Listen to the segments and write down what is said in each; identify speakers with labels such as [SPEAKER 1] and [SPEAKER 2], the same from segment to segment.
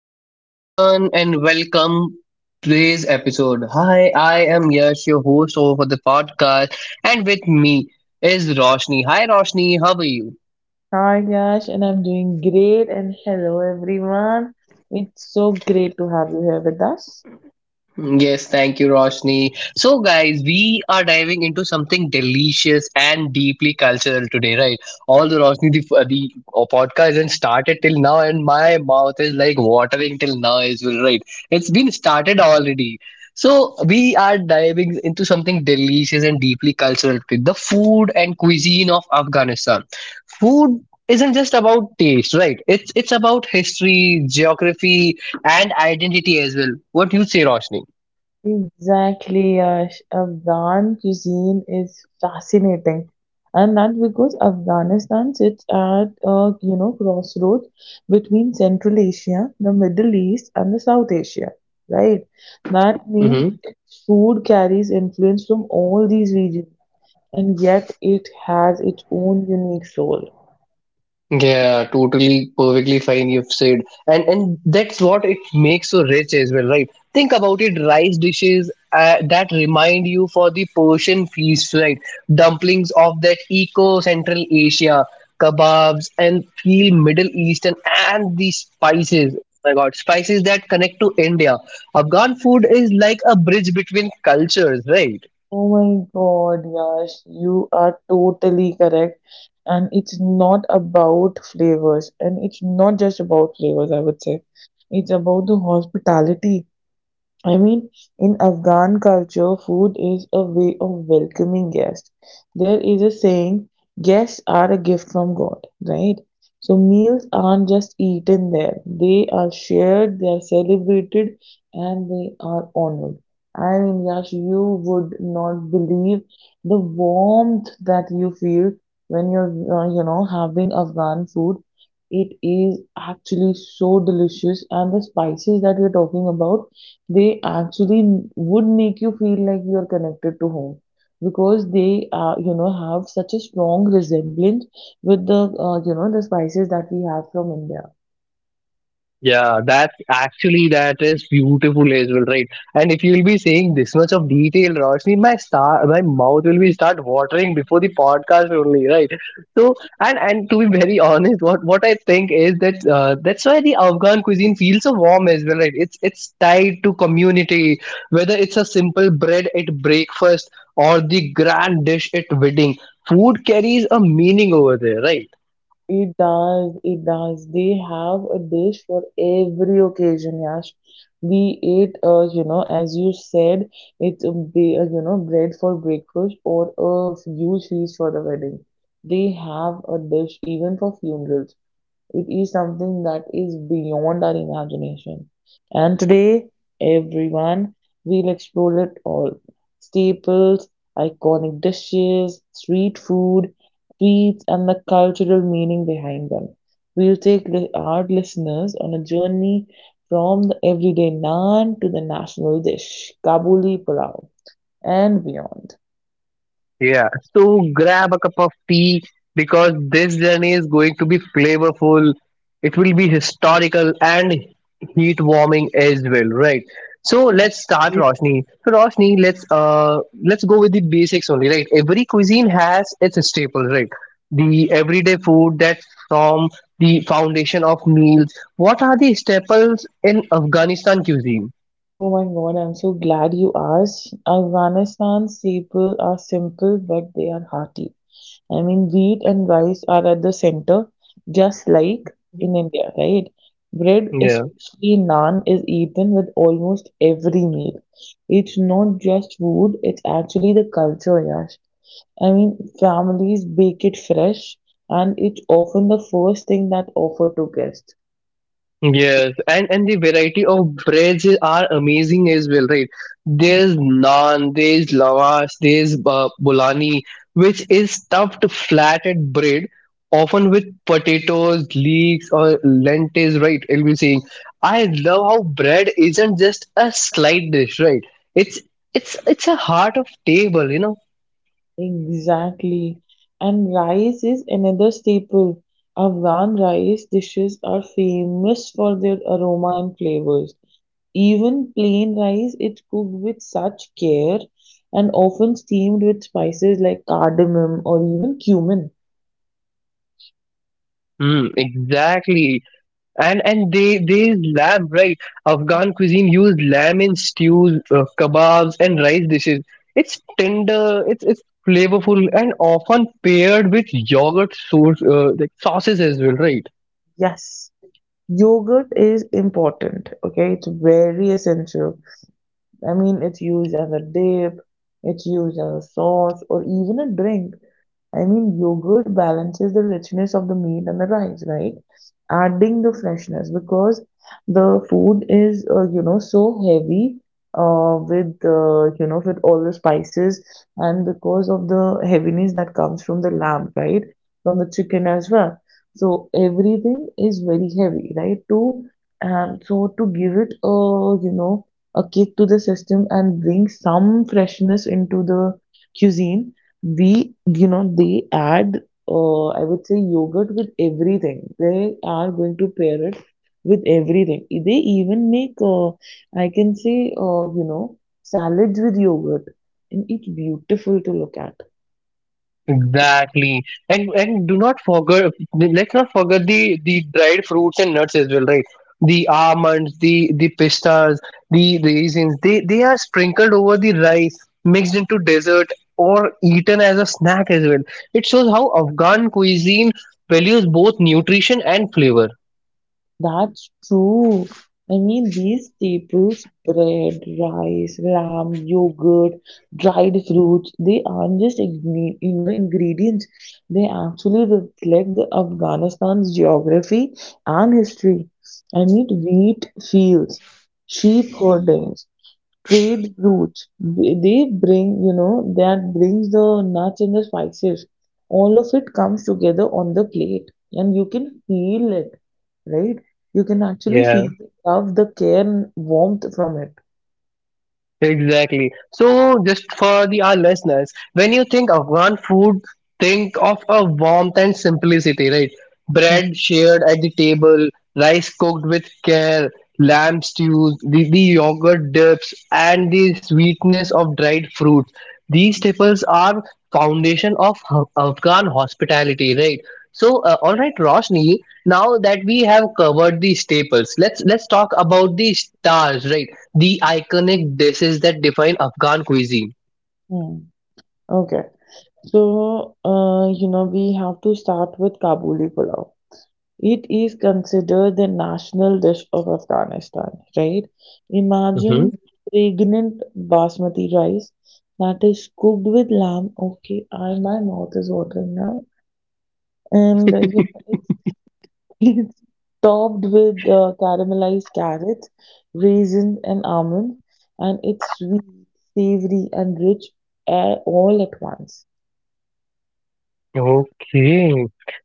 [SPEAKER 1] Hello, everyone, and welcome to today's episode. Hi, I am Yash, your host over for the podcast, and with me is Roshni. Hi, Roshni, how are you?
[SPEAKER 2] Hi Yash, and I'm doing great. And hello everyone. It's so great to have you here with us.
[SPEAKER 1] Yes, thank you, Roshni. So, guys, we are diving into something delicious and deeply cultural today, right? Although Roshni, the podcast hasn't started till now, and my mouth is like watering till now as well, right? It's been started already. So, we are diving into something delicious and deeply cultural today, the food and cuisine of Afghanistan. Food isn't just about taste, right? It's about history, geography, and identity as well. What do you say, Roshni?
[SPEAKER 2] Exactly, Yash. Afghan cuisine is fascinating, and that because Afghanistan sits at a crossroads between Central Asia, the Middle East, and the South Asia. Right? That means
[SPEAKER 1] Mm-hmm.
[SPEAKER 2] its food carries influence from all these regions. And yet it has its own unique soul.
[SPEAKER 1] Yeah, totally, perfectly fine. You've said, and that's what it makes so rich as well, right? Think about it: rice dishes that remind you for the Persian feast, right? Dumplings of that eco Central Asia, kebabs, and feel Middle Eastern, and the spices. Oh my God, spices that connect to India. Afghan food is like a bridge between cultures, right?
[SPEAKER 2] Oh my god, Yash, you are totally correct. And it's not just about flavors, I would say. It's about the hospitality. I mean, in Afghan culture, food is a way of welcoming guests. There is a saying, guests are a gift from God, right? So meals aren't just eaten there. They are shared, they are celebrated, and they are honored. I mean, Yash, you would not believe the warmth that you feel when you're, having Afghan food. It is actually so delicious, and the spices that we're talking about, they actually would make you feel like you're connected to home because they have such a strong resemblance with the the spices that we have from India.
[SPEAKER 1] Yeah, that actually that is beautiful as well, right? And if you'll be saying this much of detail, Roshni, my star, my mouth will be start watering before the podcast only, right? So, and to be very honest, what I think is that that's why the Afghan cuisine feels so warm as well, right? It's tied to community, whether it's a simple bread at breakfast or the grand dish at wedding. Food carries a meaning over there, right?
[SPEAKER 2] It does, it does. They have a dish for every occasion, Yash. We ate, as you said, it's a, bread for breakfast or a huge feast for the wedding. They have a dish even for funerals. It is something that is beyond our imagination. And today, everyone, we'll explore it all. Staples, iconic dishes, street food, treats, and the cultural meaning behind them. Our listeners on a journey from the everyday naan to the national dish, Kabuli Pulao, and beyond.
[SPEAKER 1] Yeah, so grab a cup of tea because this journey is going to be flavorful. It will be historical and heat warming as well, right? So let's start, Roshni. So Roshni, let's go with the basics only, right? Every cuisine has its staples, right? The everyday food that form the foundation of meals. What are the staples in Afghanistan cuisine?
[SPEAKER 2] Oh my God, I'm so glad you asked. Afghanistan's people are simple, but they are hearty. I mean, wheat and rice are at the center, just like in India, right? Bread, especially naan, is eaten with almost every meal. It's not just food, it's actually the culture, Yash. I mean, families bake it fresh, and it's often the first thing that offered to guests.
[SPEAKER 1] Yes, and the variety of breads are amazing as well, right?
[SPEAKER 2] Mm,
[SPEAKER 1] There's naan, there's lavash, there's bulani, which is stuffed flattened bread, often with potatoes, leeks, or lentils, right? I'll be saying, I love how bread isn't just a slight dish, right? It's it's a heart of table, you know.
[SPEAKER 2] Exactly. And rice is another staple. Afghan rice dishes are famous for their aroma and flavors. Even plain rice, it's cooked with such care and often steamed with spices like cardamom or even cumin.
[SPEAKER 1] Mm, exactly. And they use lamb, right? Afghan cuisine use lamb in stews, kebabs and rice dishes. It's tender, it's flavorful and often paired with yogurt sauce, like sauces as well, right?
[SPEAKER 2] Yes, yogurt is important. Okay, it's very essential. I mean, it's used as a dip, it's used as a sauce, or even a drink. I mean, yogurt balances the richness of the meat and the rice, right? Adding the freshness, because the food is, so heavy with, with all the spices and because of the heaviness that comes from the lamb, right? From the chicken as well. So everything is very heavy, right? To so to give it a, you know, a kick to the system and bring some freshness into the cuisine, we you know they add, I would say, yogurt with everything. They are going to pair it with everything. They even make, I can say, salads with yogurt, and it's beautiful to look at.
[SPEAKER 1] Exactly, and do not forget. Let's not forget the dried fruits and nuts as well, right? The almonds, the pistas, the raisins. They are sprinkled over the rice, mixed into dessert, or eaten as a snack as well. It shows how Afghan cuisine values both nutrition and flavor.
[SPEAKER 2] That's true. I mean, these staples, bread, rice, lamb, yogurt, dried fruits, they aren't just ingredients. They actually reflect the Afghanistan's geography and history. I mean, wheat fields, sheep herdings, trade routes. They bring, you know, that brings the nuts and the spices. All of it comes together on the plate, and you can feel it, right? You can actually
[SPEAKER 1] Yeah.
[SPEAKER 2] feel the love, the care, and warmth from it.
[SPEAKER 1] Exactly. So, just for the our listeners, when you think Afghan food, think of a warmth and simplicity, right?
[SPEAKER 2] Mm,
[SPEAKER 1] Bread shared at the table, rice cooked with care, lamb stews, the yogurt dips, and the sweetness of dried fruits. These staples are foundation of Afghan hospitality, right? So, all right, Roshni. Now that we have covered the staples, let's talk about the stars, right? The iconic dishes that define Afghan cuisine.
[SPEAKER 2] mm. Okay. So, we have to start with Kabuli pulao. It is considered the national dish of Afghanistan, right? Imagine
[SPEAKER 1] Hmm.
[SPEAKER 2] fragrant basmati rice that is cooked with lamb. Okay, I, my mouth is watering now. And it's topped with caramelized carrots, raisins, and almonds. And it's sweet, savory, and rich, all at once.
[SPEAKER 1] Okay,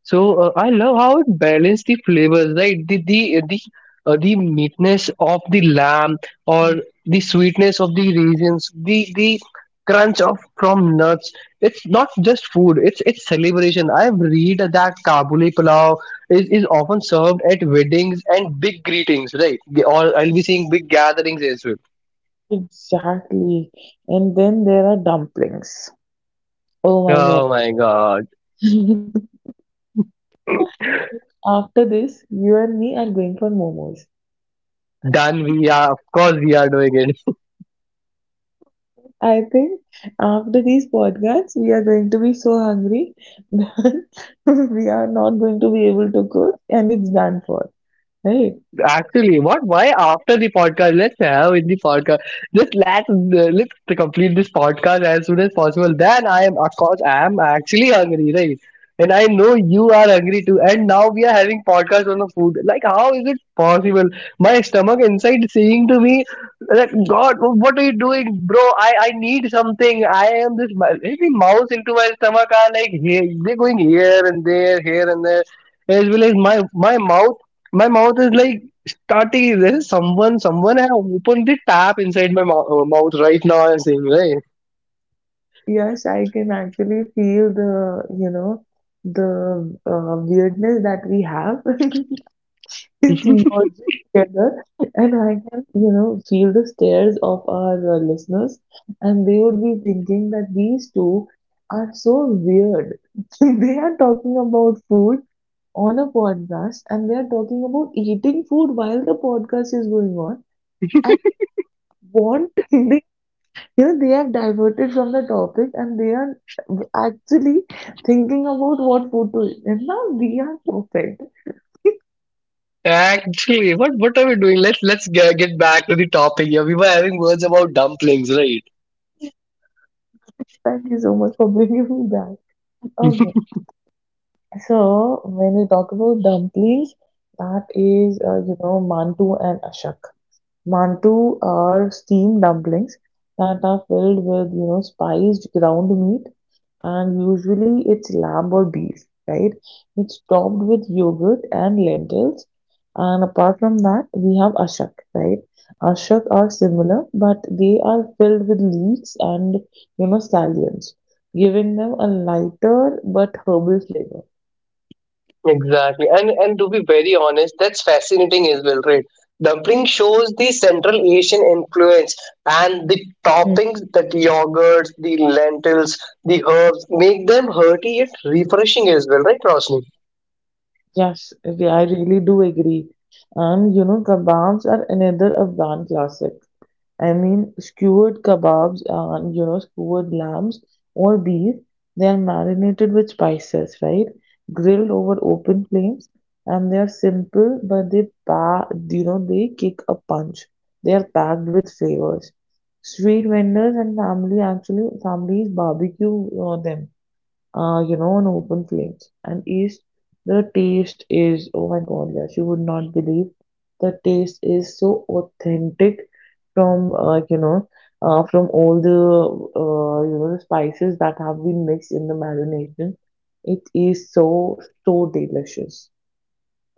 [SPEAKER 1] so I love how it balanced the flavors, right? The meatness of the lamb or
[SPEAKER 2] Mm,
[SPEAKER 1] the sweetness of the raisins, the crunch of from nuts. It's not just food; it's celebration. I've read that Kabuli pulao is often served at weddings and big greetings, right? Or I'll be seeing big gatherings as well.
[SPEAKER 2] Exactly. And then there are dumplings. Oh my God.
[SPEAKER 1] Oh my god.
[SPEAKER 2] After this, you and me are going for momos.
[SPEAKER 1] Done. We are, of course, we are doing it.
[SPEAKER 2] I think after these podcasts, we are going to be so hungry that we are not going to be able to cook, and it's done for, right?
[SPEAKER 1] Actually, what? Why after the podcast? Let's have in the podcast. Just let's complete this podcast as soon as possible. Then I am, of course, I am actually hungry, right? And I know you are hungry too. And now we are having podcast on the food. Like, how is it possible? My stomach inside saying to me, like, God, what are you doing, bro? I need something. I am this. The mouse into my stomach are like, hey, they're going here and there, here and there. As well as my mouth, my mouth is like Tati, there's someone, someone have opened the tap inside my mouth right now. I'm saying, right?
[SPEAKER 2] Yes, I can actually feel the, you know, the weirdness that we have. It's merging together, and I can, you know, feel the stares of our listeners, and they would be thinking that these two are so weird. They are talking about food on a podcast, and they are talking about eating food while the podcast is going on, and want they, you know, they have diverted from the topic and they are actually thinking about what food to eat. And now we are perfect.
[SPEAKER 1] Actually, what are we doing? Let's get back
[SPEAKER 2] Yeah.
[SPEAKER 1] to the topic here. We were having words about dumplings, right?
[SPEAKER 2] Thank you so much for bringing me back. Okay, so when we talk about dumplings, that is, mantu and ashak. Mantu are steamed dumplings that are filled with, you know, spiced ground meat, and usually it's lamb or beef, right? It's topped with yogurt and lentils. And apart from that, we have ashak, right? Ashak are similar, but they are filled with leeks and, you know, scallions, giving them a lighter but herbal flavor.
[SPEAKER 1] Exactly, and to be very honest, that's fascinating as well, right? Dumpling shows the Central Asian influence, and the
[SPEAKER 2] Mm.
[SPEAKER 1] toppings, that yogurts, the lentils, the herbs make them hearty yet refreshing as well, right, Roshni?
[SPEAKER 2] Yes, okay, I really do agree. And you know, kebabs are another Afghan classic. I mean, skewered kebabs and, you know, skewered lambs or beef, they are marinated with spices, right? Grilled over open flames, and they are simple, but they they kick a punch. They are packed with flavors. Street vendors and family actually Families barbecue them, on open flames. And is the taste is oh my god, yes, you would not believe the taste is so authentic from from all the the spices that have been mixed in the marination. It is so, so delicious.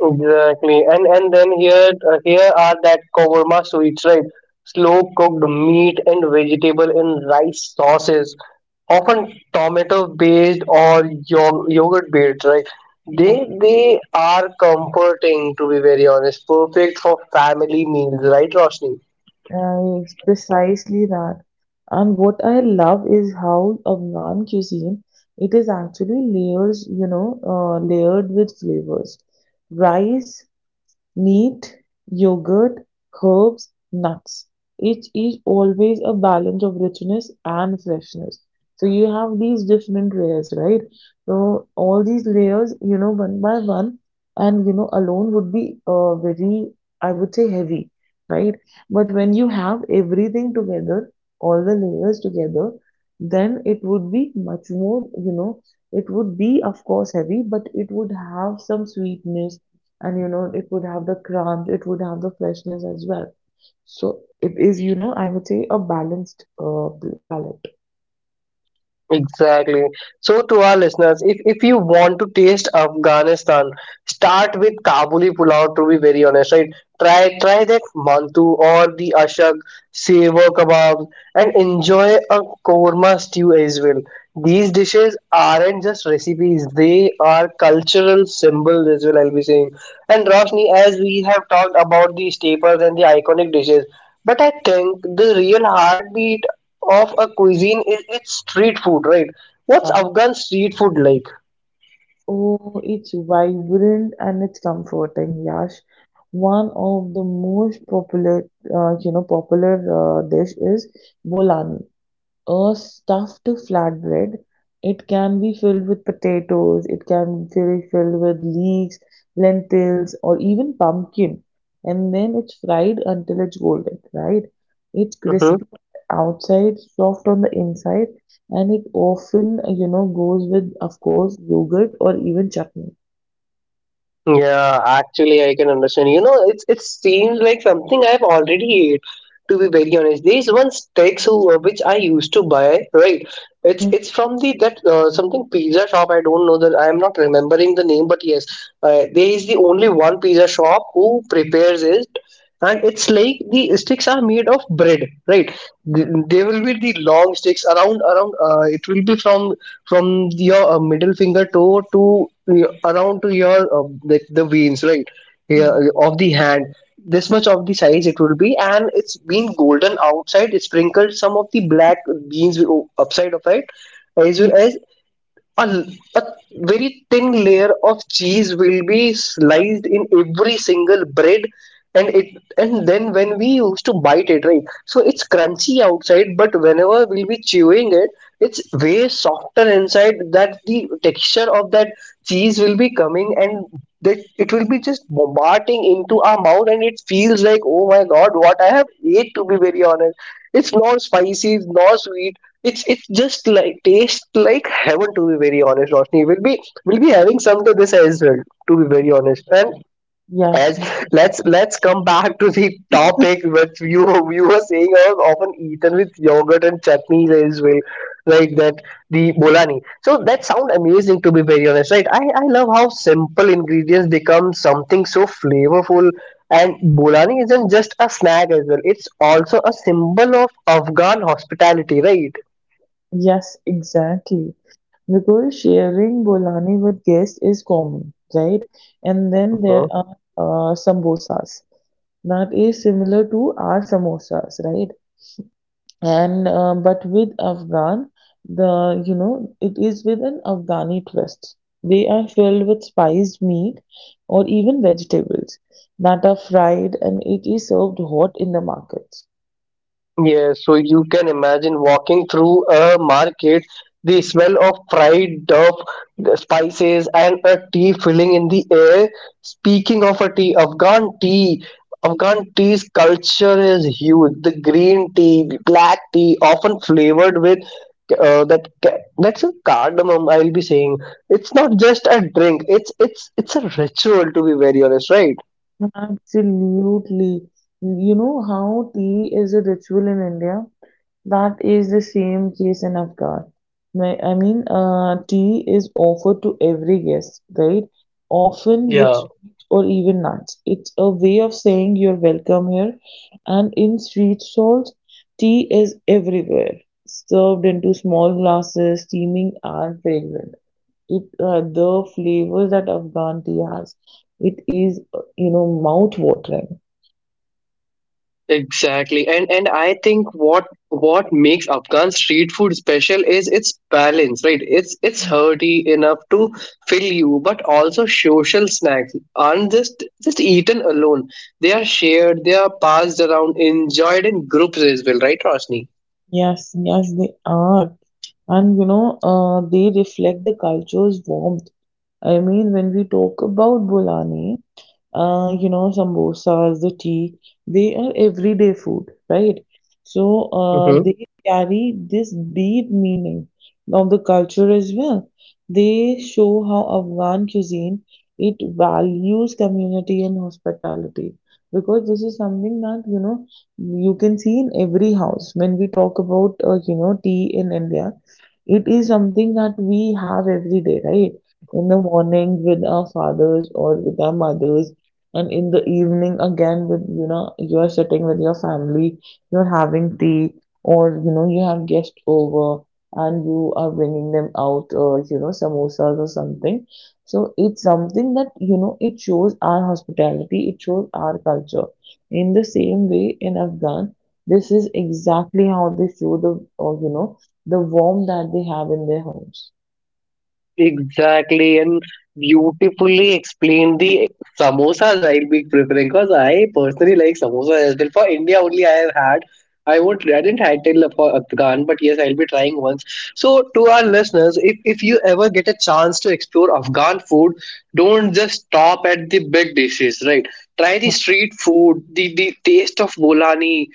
[SPEAKER 1] Exactly, and then here here are that korma sweets, right? Slow cooked meat and vegetable in rice sauces, often tomato based or yog yogurt based, right?
[SPEAKER 2] Hmm.
[SPEAKER 1] They are comforting to be very honest, perfect for family meals, right, Roshni?
[SPEAKER 2] It's precisely that. And what I love is how Afghan cuisine, it is actually layered with flavors. Rice, meat, yogurt, herbs, nuts. It is always a balance of richness and freshness. So you have these different layers, right? So all these layers, you know, one by one, and you know, alone would be very, I would say, heavy, right? But when you have everything together, all the layers together, then it would be much more, you know, it would be, of course, heavy, but it would have some sweetness, and you know it would have the crunch, it would have the freshness as well. So it is, you know, I would say, a balanced palette.
[SPEAKER 1] Exactly. So, to our listeners, if you want to taste Afghanistan, start with Kabuli pulao. To be very honest, right? Try that mantu or the ashak, sevo kebab, and enjoy a korma stew as well. These dishes aren't just recipes, they are cultural symbols as well, I'll be saying. And Roshni, as we have talked about the staples and the iconic dishes, but I think the real heartbeat of a cuisine is its street food, right? What's
[SPEAKER 2] Uh,
[SPEAKER 1] Afghan street food like?
[SPEAKER 2] oh, it's vibrant and it's comforting, Yash. One of the most popular uh, you know popular dish is bolani, a stuffed flatbread. It can be filled with potatoes, it can be filled with leeks, lentils, or even pumpkin. And then it's fried until it's golden, right? It's
[SPEAKER 1] Mm-hmm.
[SPEAKER 2] crispy outside, soft on the inside, and it often, you know, goes with, of course, yogurt or even chutney.
[SPEAKER 1] Yeah, actually, I can understand. You know, it seems like something I've already ate. To be very honest, there is one steaks who, which I used to buy. Right, it's
[SPEAKER 2] Mm,
[SPEAKER 1] it's from the that something pizza shop. I don't know that I am not remembering the name, but yes, there is the only one pizza shop who prepares it and it's like the sticks are made of bread, right? They will be the long sticks around around it will be from your middle finger toe to your- around to your like the veins, right? Yeah,
[SPEAKER 2] mm,
[SPEAKER 1] of the hand. This much of the size it will be and it's been golden outside. It sprinkled some of the black beans upside of it, as
[SPEAKER 2] mm.
[SPEAKER 1] well as a, a very thin layer of cheese will be sliced in every single bread, and it and then when we used to bite it, right? So it's crunchy outside, but whenever we'll be chewing it, it's way softer inside. That the texture of that cheese will be coming and that it will be just bombarding into our mouth and it feels like oh my god, what I have ate, to be very honest. It's not spicy, it's not sweet. It's just like tastes like heaven, to be very honest, Roshni. We'll be having some to this as well, to be very honest. And
[SPEAKER 2] Yes,
[SPEAKER 1] as let's come back to the topic which you were saying I was often eaten with yogurt and chutneys as well. Right, that the bolani. So that sound amazing to be very honest, right? I love how simple ingredients become something so flavorful and bolani isn't just a snack as well. It's also a symbol of Afghan hospitality, right?
[SPEAKER 2] yes, exactly. Because sharing bolani with guests is common, right? And then there
[SPEAKER 1] Uh-huh.
[SPEAKER 2] are sambosas, that is similar to our samosas, right? And but with Afghan, the you know it is with an Afghani twist. They are filled with spiced meat or even vegetables that are fried, and it is served hot in the markets.
[SPEAKER 1] Yeah, so you can imagine walking through a market, the smell of fried dough, the spices, and a tea filling in the air. Speaking of a tea, Afghan tea's culture is huge. The green tea, the black tea, often flavored with that's a cardamom. I'll be saying it's not just a drink. It's a ritual, to be very honest, right?
[SPEAKER 2] Absolutely. You know how tea is a ritual in India? That is the same case in Afghan. Tea is offered to every guest, right? Often with
[SPEAKER 1] Yeah.
[SPEAKER 2] sweets or even nuts. It's a way of saying you're welcome here. And in street stalls, tea is everywhere, served into small glasses, steaming and fragrant. It The flavors that Afghan tea has, it is, mouth watering.
[SPEAKER 1] Exactly. And I think what makes Afghan street food special is its balance, right? It's
[SPEAKER 2] Mm.
[SPEAKER 1] hearty enough to fill you, but also social snacks aren't just eaten alone. They are shared, they are passed around, enjoyed in groups as well, right, Roshni?
[SPEAKER 2] Yes, yes, they are, and you know they reflect the culture's warmth. I mean, when we talk about Bolani, samosas, the tea, they are everyday food, right? So they carry this deep meaning of the culture as well. They show how Afghan cuisine, it values community and hospitality, because this is something that you know you can see in every house. When we talk about, tea in India, it is something that we have every day, right? In the morning with our fathers or with our mothers, and in the evening again with, you know, you're sitting with your family, you're having tea, or you know you have guests over and you are bringing them out, samosas or something. So it's something that, you know, it shows our hospitality, it shows our culture. In the same way in Afghan, this is exactly how they show the, or you know, the warmth that they have in their homes.
[SPEAKER 1] Exactly, and beautifully explained the samosas I'll be preparing because I personally like samosas as well. For India only, I have had. I won't. I didn't had till for Afghan, but yes, I'll be trying once. So, to our listeners, if you ever get a chance to explore Afghan food, don't just stop at the big dishes, right? Try the street food, the taste of bolani,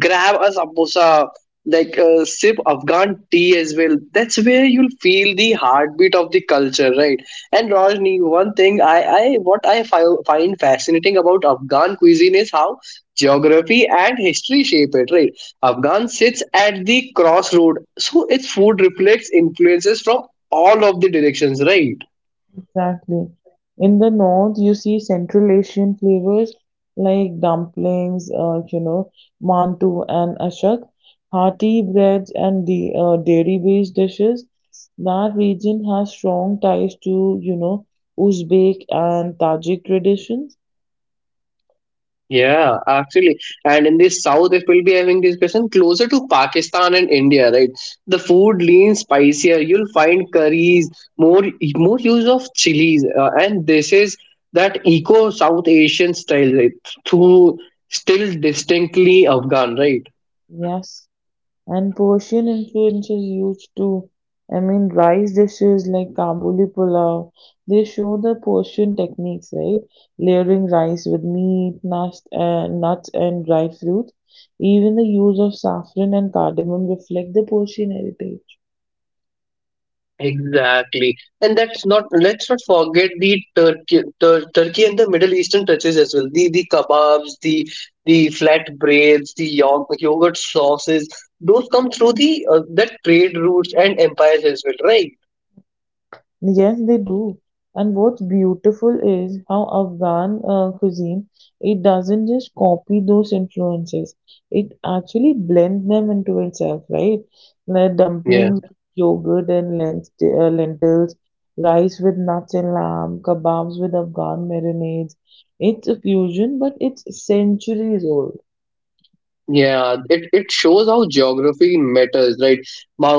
[SPEAKER 1] grab a samosa like sip Afghan tea as well. That's where you'll feel the heartbeat of the culture, right? And Rajni, one thing I what I find fascinating about Afghan cuisine is how geography and history shape it, right? Afghan sits at the crossroad, so its food reflects influences from all of the directions, right?
[SPEAKER 2] Exactly. In the north, you see Central Asian flavors like dumplings, mantu and ashak, hearty breads and the dairy-based dishes. That region has strong ties to, you know, Uzbek and Tajik traditions.
[SPEAKER 1] Yeah, actually. And in the south, if we'll be having discussion closer to Pakistan and India, right? The food lean spicier. You'll find curries, more more use of chilies, and this is that eco South Asian style, right? Through still distinctly Afghan, right?
[SPEAKER 2] Yes, and Persian influence is huge too. I mean, rice dishes like Kabuli pulao, they show the Persian techniques, right? Layering rice with meat, nuts and dried fruits. Even the use of saffron and cardamom reflect the Persian heritage.
[SPEAKER 1] Exactly, and that's not. Let's not forget the Turkey and the Middle Eastern touches as well. The kebabs, the flatbreads, the yogurt sauces. Those come through the that trade routes and empires as well, right?
[SPEAKER 2] Yes, they do. And what's beautiful is how Afghan cuisine, it doesn't just copy those influences. It actually blends them into itself, right? Like
[SPEAKER 1] Yeah,
[SPEAKER 2] dumplings, yogurt and lentils, rice with nuts and lamb, kebabs with Afghan marinades. It's a fusion, but it's centuries old.
[SPEAKER 1] yeah. It shows how geography matters, right?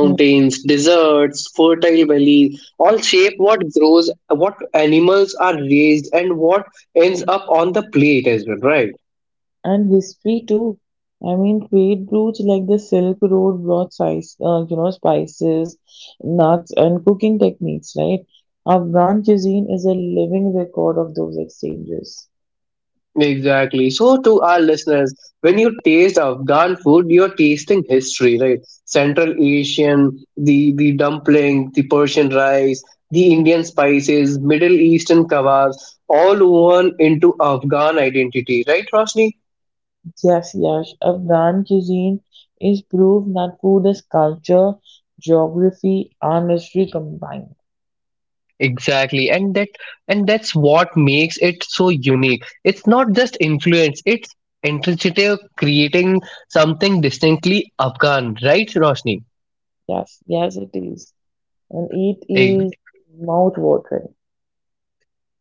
[SPEAKER 2] Hmm.
[SPEAKER 1] deserts, fertile valleys, all shape what grows, what animals are raised, and what ends up on the plate as well, right?
[SPEAKER 2] And history too. I mean, trade routes like the Silk Road brought spices, nuts, and cooking techniques, right? Afghan cuisine is a living record of those exchanges.
[SPEAKER 1] Exactly. So, to our listeners, when you taste Afghan food, you're tasting history, right? Central Asian, the dumpling, the Persian rice, the Indian spices, Middle Eastern kebabs, all woven into Afghan identity, right, Roshni?
[SPEAKER 2] Yes, yes. Afghan cuisine is proof that food is culture, geography, and history combined.
[SPEAKER 1] Exactly, and that and that's what makes it so unique. It's not just influence; it's intrinsic, creating something distinctly Afghan, right, Roshni?
[SPEAKER 2] Yes, yes, it is. And it is mouth-watering.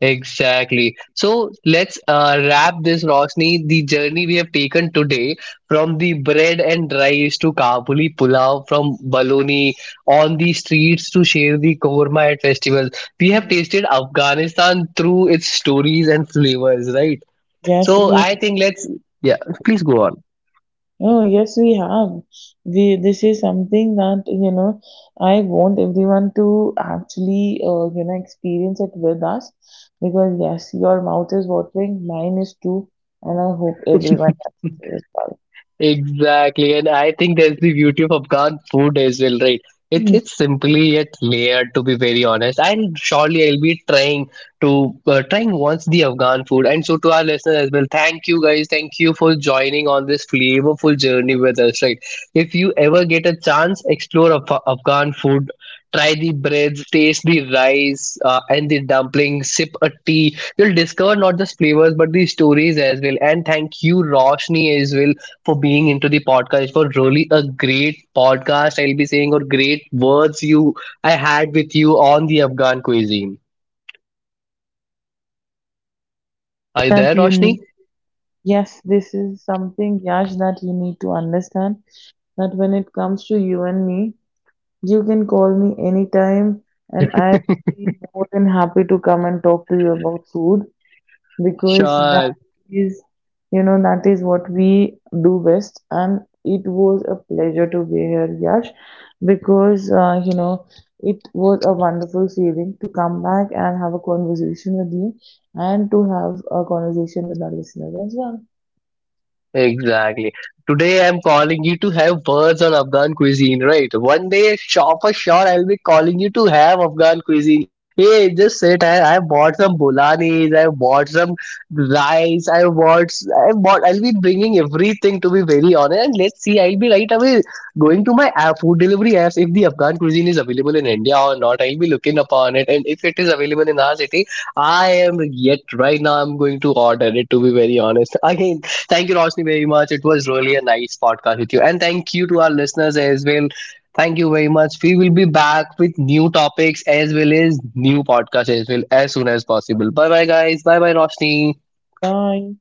[SPEAKER 1] Exactly. So let's wrap this, Rosni. The journey we have taken today from the bread and rice to Kabuli pulao, from baloney on the streets to share the korma at festivals. We have
[SPEAKER 2] Hmm.
[SPEAKER 1] tasted Afghanistan through its stories and flavors, right?
[SPEAKER 2] Yes,
[SPEAKER 1] So
[SPEAKER 2] we,
[SPEAKER 1] I think let's, yeah, please go on.
[SPEAKER 2] oh, yes, we have. We, this is something that, you know, I want everyone to actually, experience it with us because, yes, your mouth is watering, mine is too, and I hope everyone else's is as well.
[SPEAKER 1] Exactly, and I think that's the beauty of Afghan food as well, right? It's simply yet layered, to be very honest. And surely I'll be trying to trying once the Afghan food. And so to our listeners as well, thank you guys, thank you for joining on this flavorful journey with us, right? If you ever get a chance, explore Afghan food. Try the breads, taste the rice and the dumplings, sip a tea. You'll discover not just flavors but the stories as well. And thank you, Roshni, as well for being into the podcast. For really a great podcast, I'll be saying or great words you I had with you on the Afghan cuisine. Are you there,
[SPEAKER 3] That you
[SPEAKER 1] Roshni?
[SPEAKER 3] need Yes, this is something, Yash, that you need to understand. That when it comes to you and me, you can call me anytime, and I will be more than happy to come and talk to you about food. Because
[SPEAKER 1] Sure.
[SPEAKER 3] is that is what we do best. And it was a pleasure to be here, Yash, because it was a wonderful feeling to come back and have a conversation with you, and to have a conversation with our listeners as well.
[SPEAKER 1] Exactly. Today I'm calling you to have words on Afghan cuisine, right? One day, sure for sure, I'll be calling you to have Afghan cuisine. Hey, just sit. I bought some bolanis. I bought some rice. I bought. I bought. I'll be bringing everything, to be very honest. And let's see. I'll be right away going to my app, food delivery apps if the Afghan cuisine is available in India or not. I'll be looking upon it, and if it is available in our city, I am yet right now. I'm going to order it. To be very honest, again. Thank you, Roshni, very much. It was really a nice podcast with you. And thank you to our listeners as well. Thank you very much. We will be back with new topics as well as new podcasts as well as soon as possible. Bye bye, guys. Bye bye, Roshni.
[SPEAKER 3] Nine.